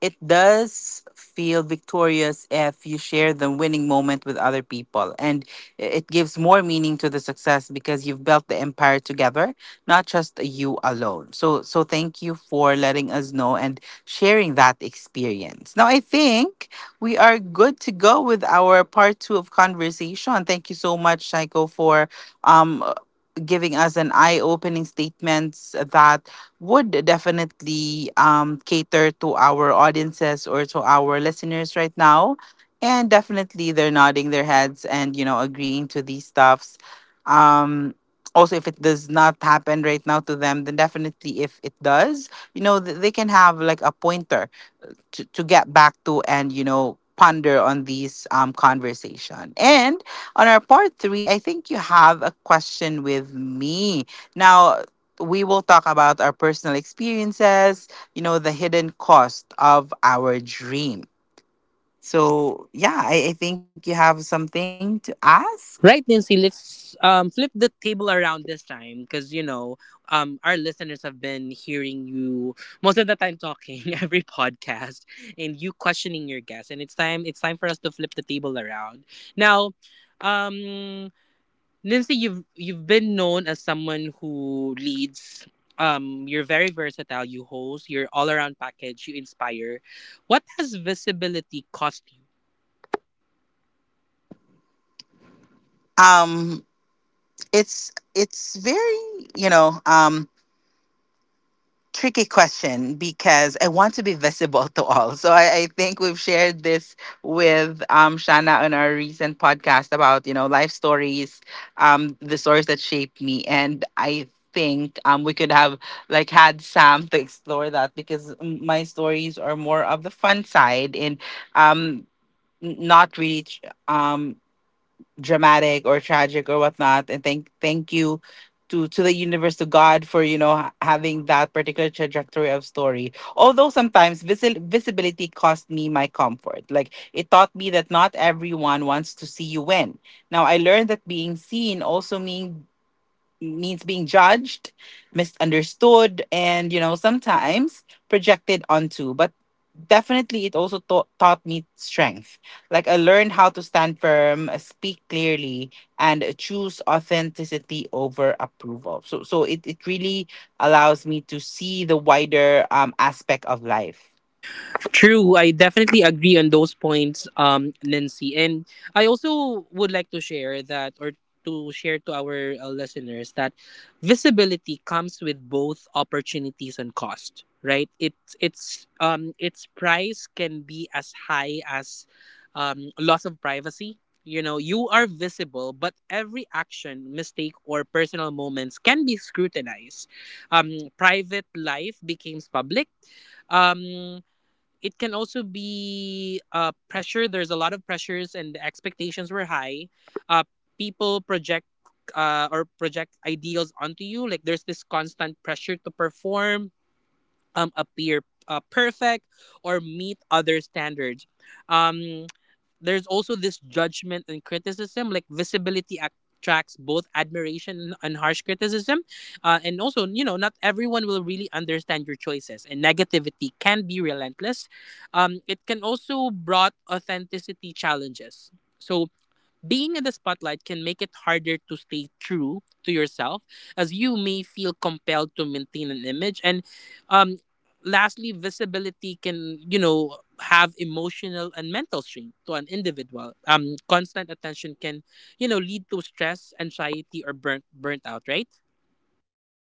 [SPEAKER 1] it does feel victorious if you share the winning moment with other people, and it gives more meaning to the success because you've built the empire together, not just you alone. So thank you for letting us know and sharing that experience. Now I think we are good to go with our part two of conversation. Thank you so much, Shaiko, for um giving us an eye-opening statements that would definitely cater to our audiences or to our listeners right now. And definitely they're nodding their heads and, you know, agreeing to these stuffs. Um, also, if it does not happen right now to them, then definitely if it does, you know, they can have like a pointer to get back to, and ponder on these conversation. And on our part three, I think you have a question with me. Now we will talk about our personal experiences, you know, the hidden cost of our dream. So yeah, I think you have something to ask.
[SPEAKER 2] Right, Nancy, let's flip the table around this time because, you know, our listeners have been hearing you most of the time talking [laughs] every podcast and you questioning your guests. And it's time for us to flip the table around. Now, um, Nancy, you've been known as someone who leads. You're very versatile. You host. You're all around package. You inspire. What has visibility cost you?
[SPEAKER 1] Um it's it's very, you know um tricky question because I want to be visible [laughs] to all. So I think we've shared this with Shana on our recent podcast about, you know, life stories, the stories that shaped me. And I think we could have like had Sam [laughs] to explore that because my stories are more of the fun side and um not really dramatic or tragic or whatnot. And thank you to the universe, to God for having that particular trajectory of story. Although sometimes visibility cost me my comfort. Like it taught me that not everyone wants to see you win. Now I learned that being seen also means being judged, misunderstood, and, you know, sometimes projected onto. But definitely, it also taught me strength. Like, I learned how to stand firm, speak clearly, and choose authenticity over approval. So it really allows me to see the wider aspect of life.
[SPEAKER 2] True, I definitely agree on those points, Nancy. And I also would like to share that, or to share to our listeners, that visibility comes with both opportunities and cost. Right? It's its price can be as high as loss of privacy. You know, you are visible, but every action, mistake, or personal moments can be scrutinized. Private life becomes public. um it can also be pressure. There's a lot of pressures, and the expectations were high. Uh, People project ideals onto you. Like, there's this constant pressure to perform, appear perfect, or meet other standards. Um, there's also this judgment and criticism. Like, visibility act attracts both admiration and harsh criticism. And also, you know, not everyone will really understand your choices, and negativity can be relentless. It can also brought authenticity challenges. So being in the spotlight can make it harder to stay true to yourself, as you may feel compelled to maintain an image. And um, lastly, visibility can, you know, have emotional and mental strain to an individual. Constant attention can, you know, lead to stress, anxiety, or burnt out. Right?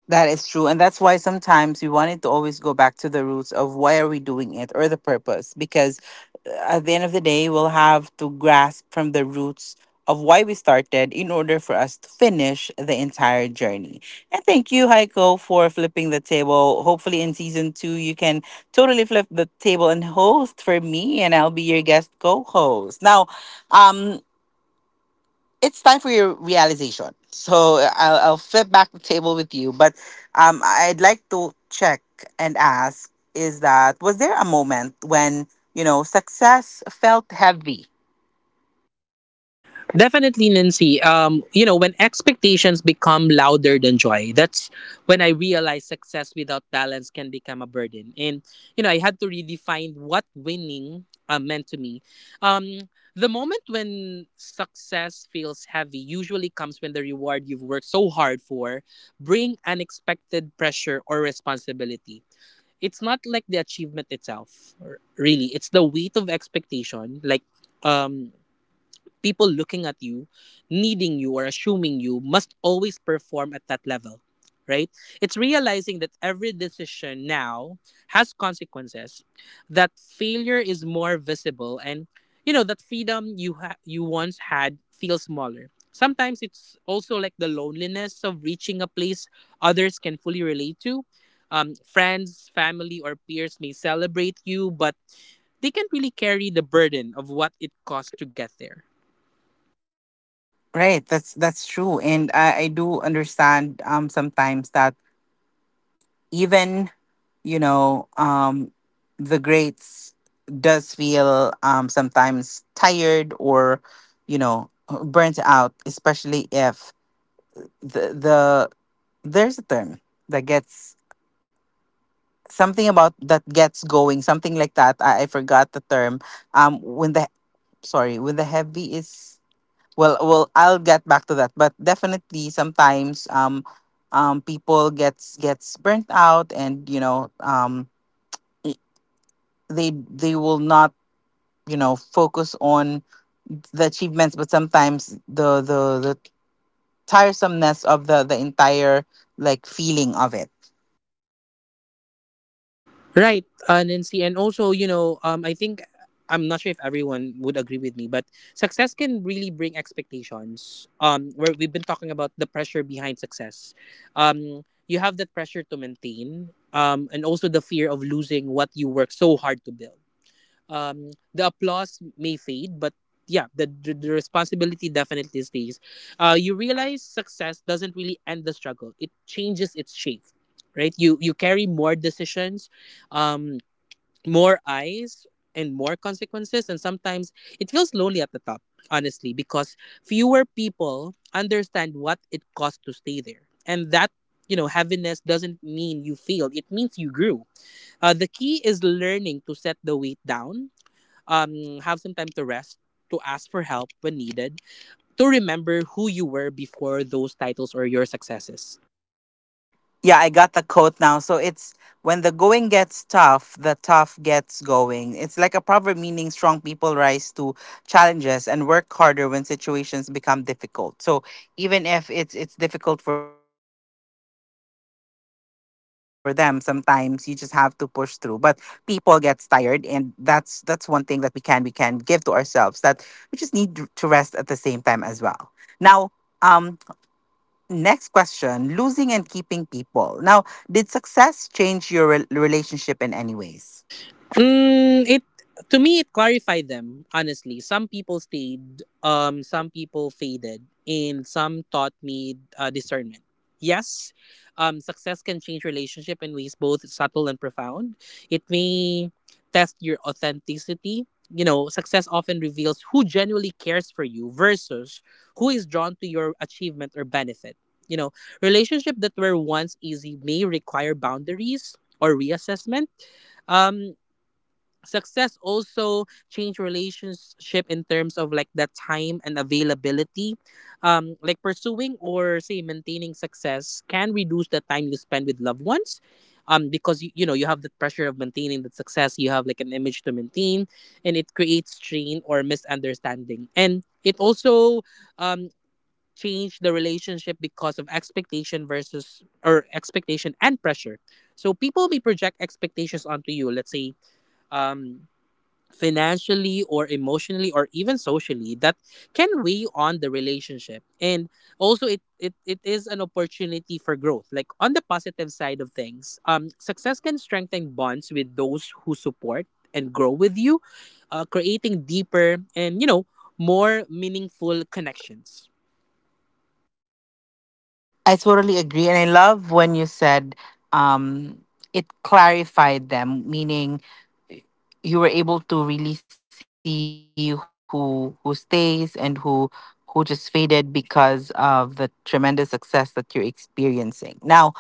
[SPEAKER 1] That is true. And that's why sometimes we wanted to always go back to the roots of why are we doing it or the purpose. Because uh, at the end of the day, we'll have to grasp from the roots of why we started in order for us to finish the entire journey. And thank you, Heiko, for flipping the table. Hopefully in season two, you can totally flip the table and host for me and I'll be your guest co-host. Now, um, it's time for your realization. So I'll flip back the table with you, but I'd like to check and ask: Is that was there a moment when, you know, success felt heavy?
[SPEAKER 2] Definitely, Nancy. You know, when expectations become louder than joy, that's when I realized success without balance can become a burden. And, you know, I had to redefine what winning meant to me. Um, the moment when success feels heavy usually comes when the reward you've worked so hard for bring unexpected pressure or responsibility. It's not like the achievement itself, really. It's the weight of expectation, like um people looking at you, needing you, or assuming you must always perform at that level, right? It's realizing that every decision now has consequences, that failure is more visible, and you know that freedom you you once had feels smaller. Sometimes it's also like the loneliness of reaching a place others can fully relate to. Friends, family, or peers may celebrate you, but they can't really carry the burden of what it cost to get there.
[SPEAKER 1] Right. That's true, and I do understand sometimes that even, you know, the greats does feel sometimes tired or, you know, burnt out, especially if the the there's a term that gets something about that gets going something like that I forgot the term when the, sorry, when the heavy is I'll get back to that. But definitely sometimes people gets burnt out and, you know, i- they will not, you know, focus on the achievements but sometimes the tiresomeness of the entire like feeling of it.
[SPEAKER 2] Right, Nancy, and also, you know, I think I'm not sure if everyone would agree with me, but success can really bring expectations. Where we've been talking about the pressure behind success, you have that pressure to maintain, and also the fear of losing what you work so hard to build. The applause may fade, but yeah, the responsibility definitely stays. You realize success doesn't really end the struggle. It changes its shape, right? You carry more decisions, um more eyes, and more consequences. And sometimes it feels lonely at the top, honestly, because fewer people understand what it costs to stay there. And that, you know, heaviness doesn't mean you failed. It means you grew. The key is learning to set the weight down, have some time to rest, to ask for help when needed, to remember who you were before those titles or your successes.
[SPEAKER 1] Yeah, I got the quote now. So it's when the going gets tough, the tough gets going. It's like a proverb meaning strong people rise to challenges and work harder when situations become difficult. So even if it's difficult for them, sometimes you just have to push through. But people gets tired and that's one thing that we can give to ourselves that we just need to rest at the same time as well. Now, um next question: losing and keeping people. Now, did success change your relationship in any ways?
[SPEAKER 2] Mm, it, to me, it clarified them, honestly. Some people stayed, some people faded, and some taught me discernment. Yes, success can change relationship in ways both subtle and profound. It may test your authenticity. You know, success often reveals who genuinely cares for you versus who is drawn to your achievement or benefit. You know, relationship that were once easy may require boundaries or reassessment. Um, Success also change relationship in terms of like the time and availability. Like, pursuing or say maintaining success can reduce the time you spend with loved ones, because you know you have the pressure of maintaining the success you have, like an image to maintain. And it creates strain or misunderstanding. And it also um change the relationship because of expectation versus or expectation and pressure. So people may project expectations onto you, let's say, um financially or emotionally or even socially, that can weigh on the relationship. And also, it it is an opportunity for growth. Like, on the positive side of things, success can strengthen bonds with those who support and grow with you, creating deeper and, you know, more meaningful connections.
[SPEAKER 1] I totally agree. And I love when you said, um, it clarified them, meaning you were able to really see who stays and who just faded because of the tremendous success that you're experiencing. Now,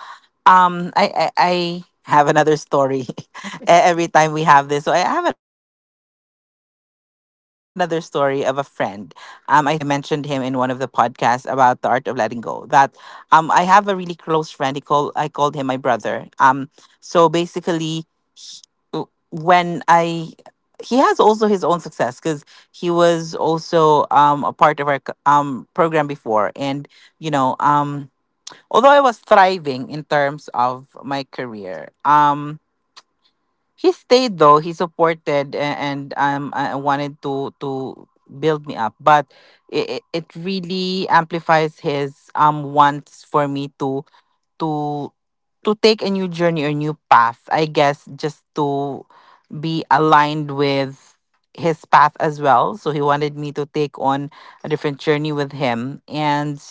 [SPEAKER 1] I have another story [laughs] every time we have this. So I have another story of a friend. I think I mentioned him in one of the podcasts about the art of letting go. That, I have a really close friend. He call I called him my brother. So basically, he- w- when I, he has also his own success because he was also a part of our program before, and, you know, although I was thriving in terms of my career, he stayed, though. He supported and wanted to build me up, but it really amplifies his wants for me to to take a new journey or new path, I guess, just to be aligned with his path as well. So he wanted me to take on a different journey with him, and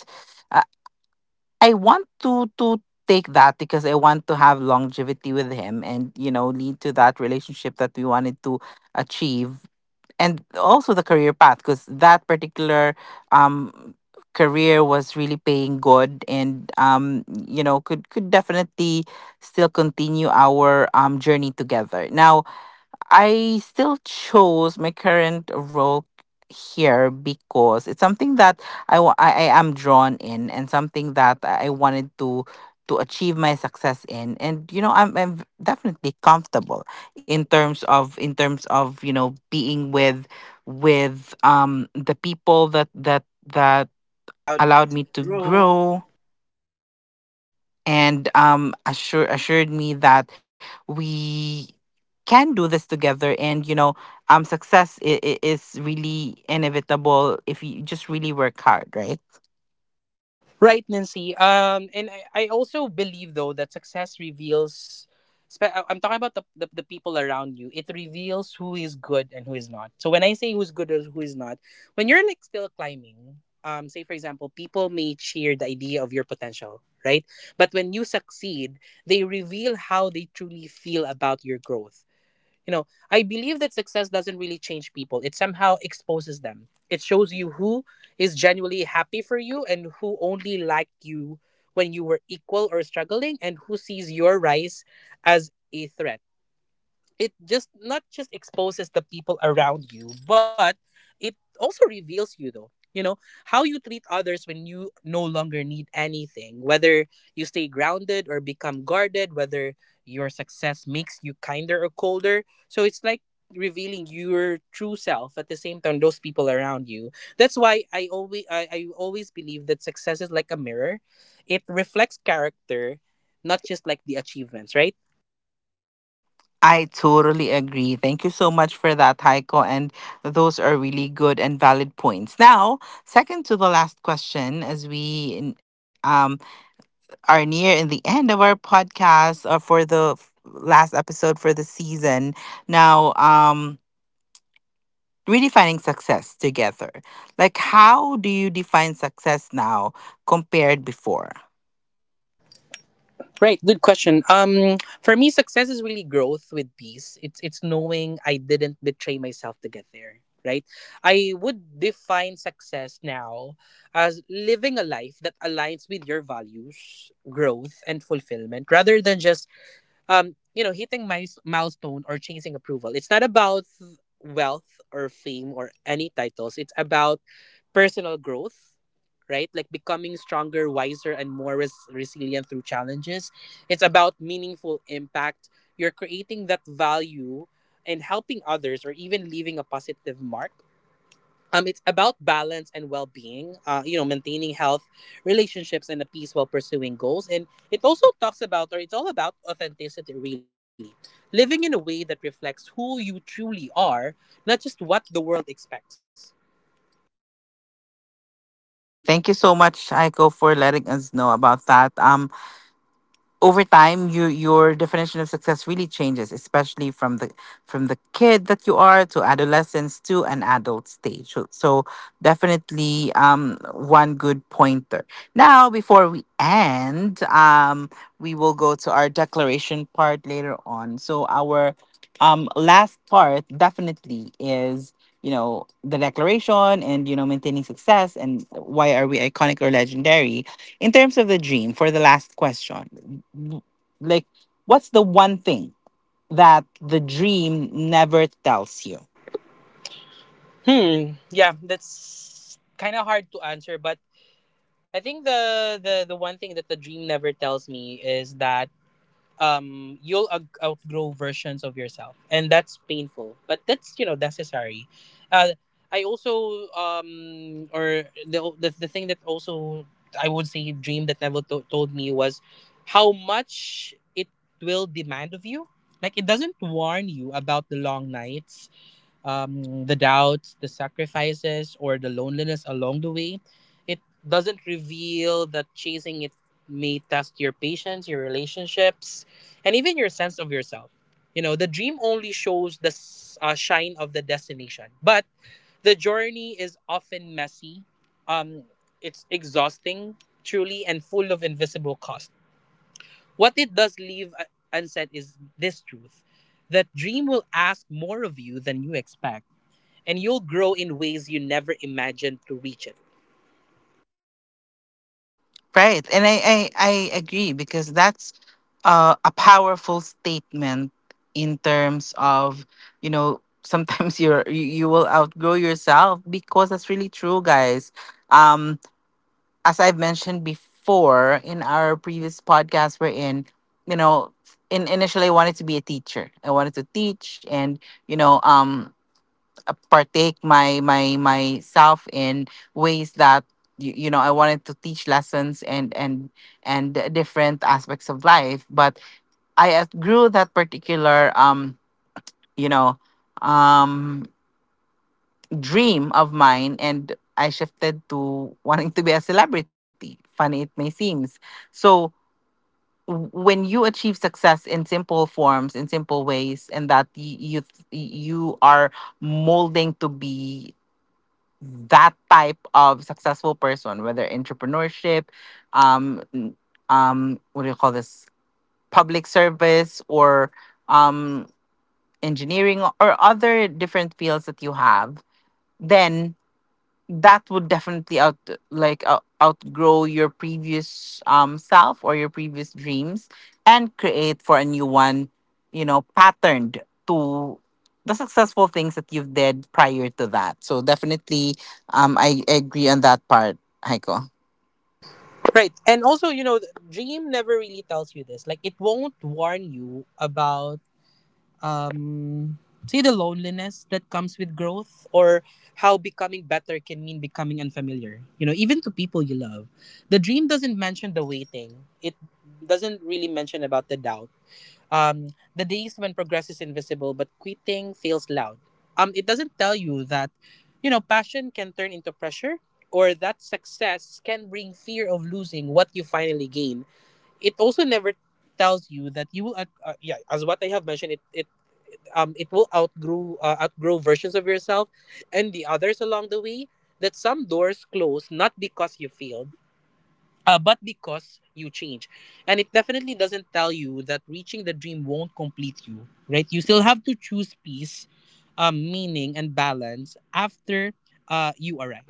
[SPEAKER 1] I want to take that because I want to have longevity with him and, you know, lead to that relationship that we wanted to achieve, and also the career path because that particular um career was really paying good and, you know, could definitely still continue our journey together. Now, I still chose my current role here because it's something that I am drawn in, and something that I wanted to achieve my success in, and, you know, I'm definitely comfortable in terms of you know, being with the people that
[SPEAKER 3] Allowed me
[SPEAKER 1] allowed
[SPEAKER 3] to
[SPEAKER 1] me to
[SPEAKER 3] grow.
[SPEAKER 1] grow, and assured me that we can do this together and, you know, success is really inevitable if you just really work hard, right?
[SPEAKER 3] Right, Nancy. And I also believe though that success reveals. I'm talking about the people around you. It reveals who is good and who is not. So when I say who's good or who is not, when you're like still climbing, say for example, people may cheer the idea of your potential, right? But when you succeed, they reveal how they truly feel about your growth. You know, I believe that success doesn't really change people. It somehow exposes them. It shows you who is genuinely happy for you and who only liked you when you were equal or struggling and who sees your rise as a threat. It just not just exposes the people around you, but it also reveals you though. You know, how you treat others when you no longer need anything, whether you stay grounded or become guarded, whether your success makes you kinder or colder. So it's like revealing your true self at the same time those people around you. That's why I always believe that success is like a mirror. It reflects character, not just like the achievements, right?
[SPEAKER 1] I totally agree. Thank you so much for that, Heiko, and those are really good and valid points. Now, second to the last question, as we are near in the end of our podcast or for the last episode for the season. Now, redefining success together. Like, how do you define success now compared before?
[SPEAKER 3] Right, good question. For me, success is really growth with peace. It's knowing I didn't betray myself to get there. Right, I would define success now as living a life that aligns with your values, growth, and fulfillment, rather than just you know, hitting my milestone or chasing approval. It's not about wealth or fame or any titles. It's about personal growth, right? Like becoming stronger, wiser, and more resilient through challenges. It's about meaningful impact. You're creating that value and helping others or even leaving a positive mark. It's about balance and well-being. You know, maintaining health, relationships, and a peace while pursuing goals. And it also talks about, or it's all about authenticity, really, living in a way that reflects who you truly are, not just what the world expects.
[SPEAKER 1] I agree. Thank you so much, Aiko, for letting us know about that. Over time, your definition of success really changes, especially from the kid that you are to adolescence to an adult stage. So definitely, one good pointer. Now, before we end, we will go to our declaration part later on, so our last part definitely is, you know, the declaration and, you know, maintaining success and why are we iconic or legendary in terms of the dream. For the last question, w- like, what's the one thing that the dream never tells you?
[SPEAKER 3] Hmm. Yeah, that's kind of hard to answer, but I think the one thing that the dream never tells me is that you'll outgrow versions of yourself, and that's painful, but that's, you know, necessary. uh I also, or the thing that also I would say dream that neville told me was how much it will demand of you. Like it doesn't warn you about the long nights, the doubts, the sacrifices, or the loneliness along the way. It doesn't reveal that chasing it may test your patience, your relationships, and even your sense of yourself. You know, the dream only shows the shine of the destination, but the journey is often messy. Um, it's exhausting, truly, and full of invisible cost. What it does leave unsaid is this truth: that dream will ask more of you than you expect, and you'll grow in ways you never imagined to reach it.
[SPEAKER 1] Right. And I agree, because that's a powerful statement in terms of, you know, [laughs] sometimes you will outgrow yourself, because that's really true, guys. Um, as I've mentioned before in our previous podcast, we're in, you know, in, initially I wanted to be a teacher. I wanted to teach and, you know, partake my my myself in ways that you know, I wanted to teach lessons and different aspects of life. But I grew that particular you know um dream of mine, and I shifted to wanting to be a celebrity. Funny it may seems. So when you achieve success in simple forms, in simple ways, and that you are molding to be that type of successful person, whether entrepreneurship, um, n- what do you call this, public service, or, um, engineering, or other different fields that you have, then that would definitely outgrow your previous self or your previous dreams and create for a new one, you know, patterned to the successful things that you've did prior to that. So definitely, I agree on that part, Heiko.
[SPEAKER 3] Right. And also, you know, Dream never really tells you this. Like, it won't warn you about, um, say, the loneliness that comes with growth, or how becoming better can mean becoming unfamiliar, you know, even to people you love. The Dream doesn't mention the waiting, it doesn't really mention about the doubt. Um, the days when progress is invisible but quitting feels loud. It doesn't tell you that, you know, passion can turn into pressure, or that success can bring fear of losing what you finally gain. It also never tells you that you will, yeah, as what I have mentioned, it it will outgrow, outgrow versions of yourself and the others along the way. That some doors close not because you failed, but because you change. And it definitely doesn't tell you that reaching the dream won't complete you, right? You still have to choose peace, meaning, and balance after, you arrive.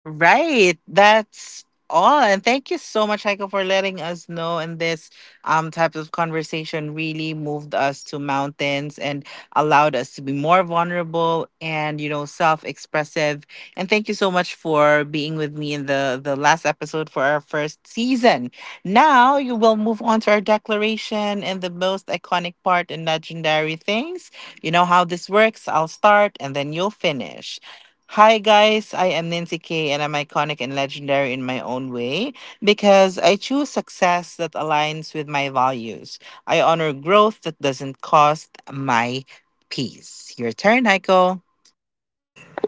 [SPEAKER 1] Right. That's all. And thank you so much, Heiko, for letting us know. And this type of conversation really moved us to mountains and allowed us to be more vulnerable and, you know, self-expressive. And thank you so much for being with me in the last episode for our first season. Now you will move on to our declaration and the most iconic part and legendary things. You know how this works. I'll start and then you'll finish. Hi guys, I am Nancy K and I'm iconic and legendary in my own way because I choose success that aligns with my values. I honor growth that doesn't cost my peace. Your turn, Heiko.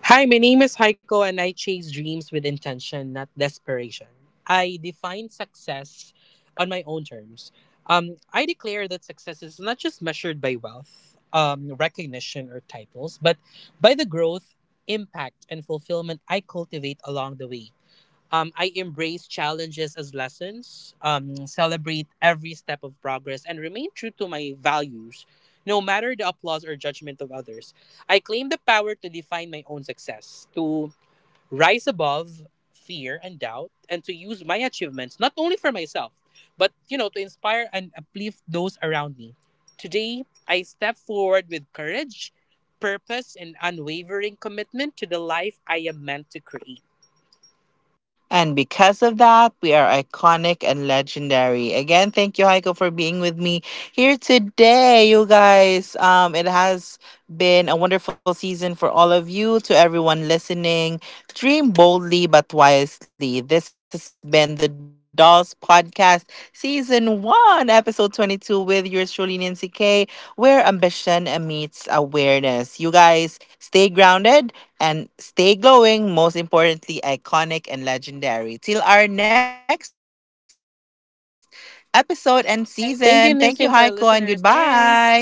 [SPEAKER 3] Hi, my name is Heiko, and I chase dreams with intention, not desperation. I define success on my own terms. I declare that success is not just measured by wealth, recognition, or titles, but by the growth, impact, and fulfillment I cultivate along the way. I embrace challenges as lessons, celebrate every step of progress, and remain true to my values, no matter the applause or judgment of others. I claim the power to define my own success, to rise above fear and doubt, and to use my achievements not only for myself, but you know, to inspire and uplift those around me. Today, I step forward with courage, purpose, and unwavering commitment to the life I am meant to create.
[SPEAKER 1] And because of that, we are iconic and legendary. Again, thank you, Heiko, for being with me here today, you guys. It has been a wonderful season for all of you. To everyone listening, dream boldly but wisely. This has been the Dolls Podcast, Season 1, Episode 22, with yours truly, Nancy K, where ambition meets awareness. You guys, stay grounded and stay glowing, most importantly, iconic and legendary. Till our next episode and season. Thank you, Heiko, and
[SPEAKER 3] Thank goodness,
[SPEAKER 1] goodbye.
[SPEAKER 3] sent our listeners. Thanks.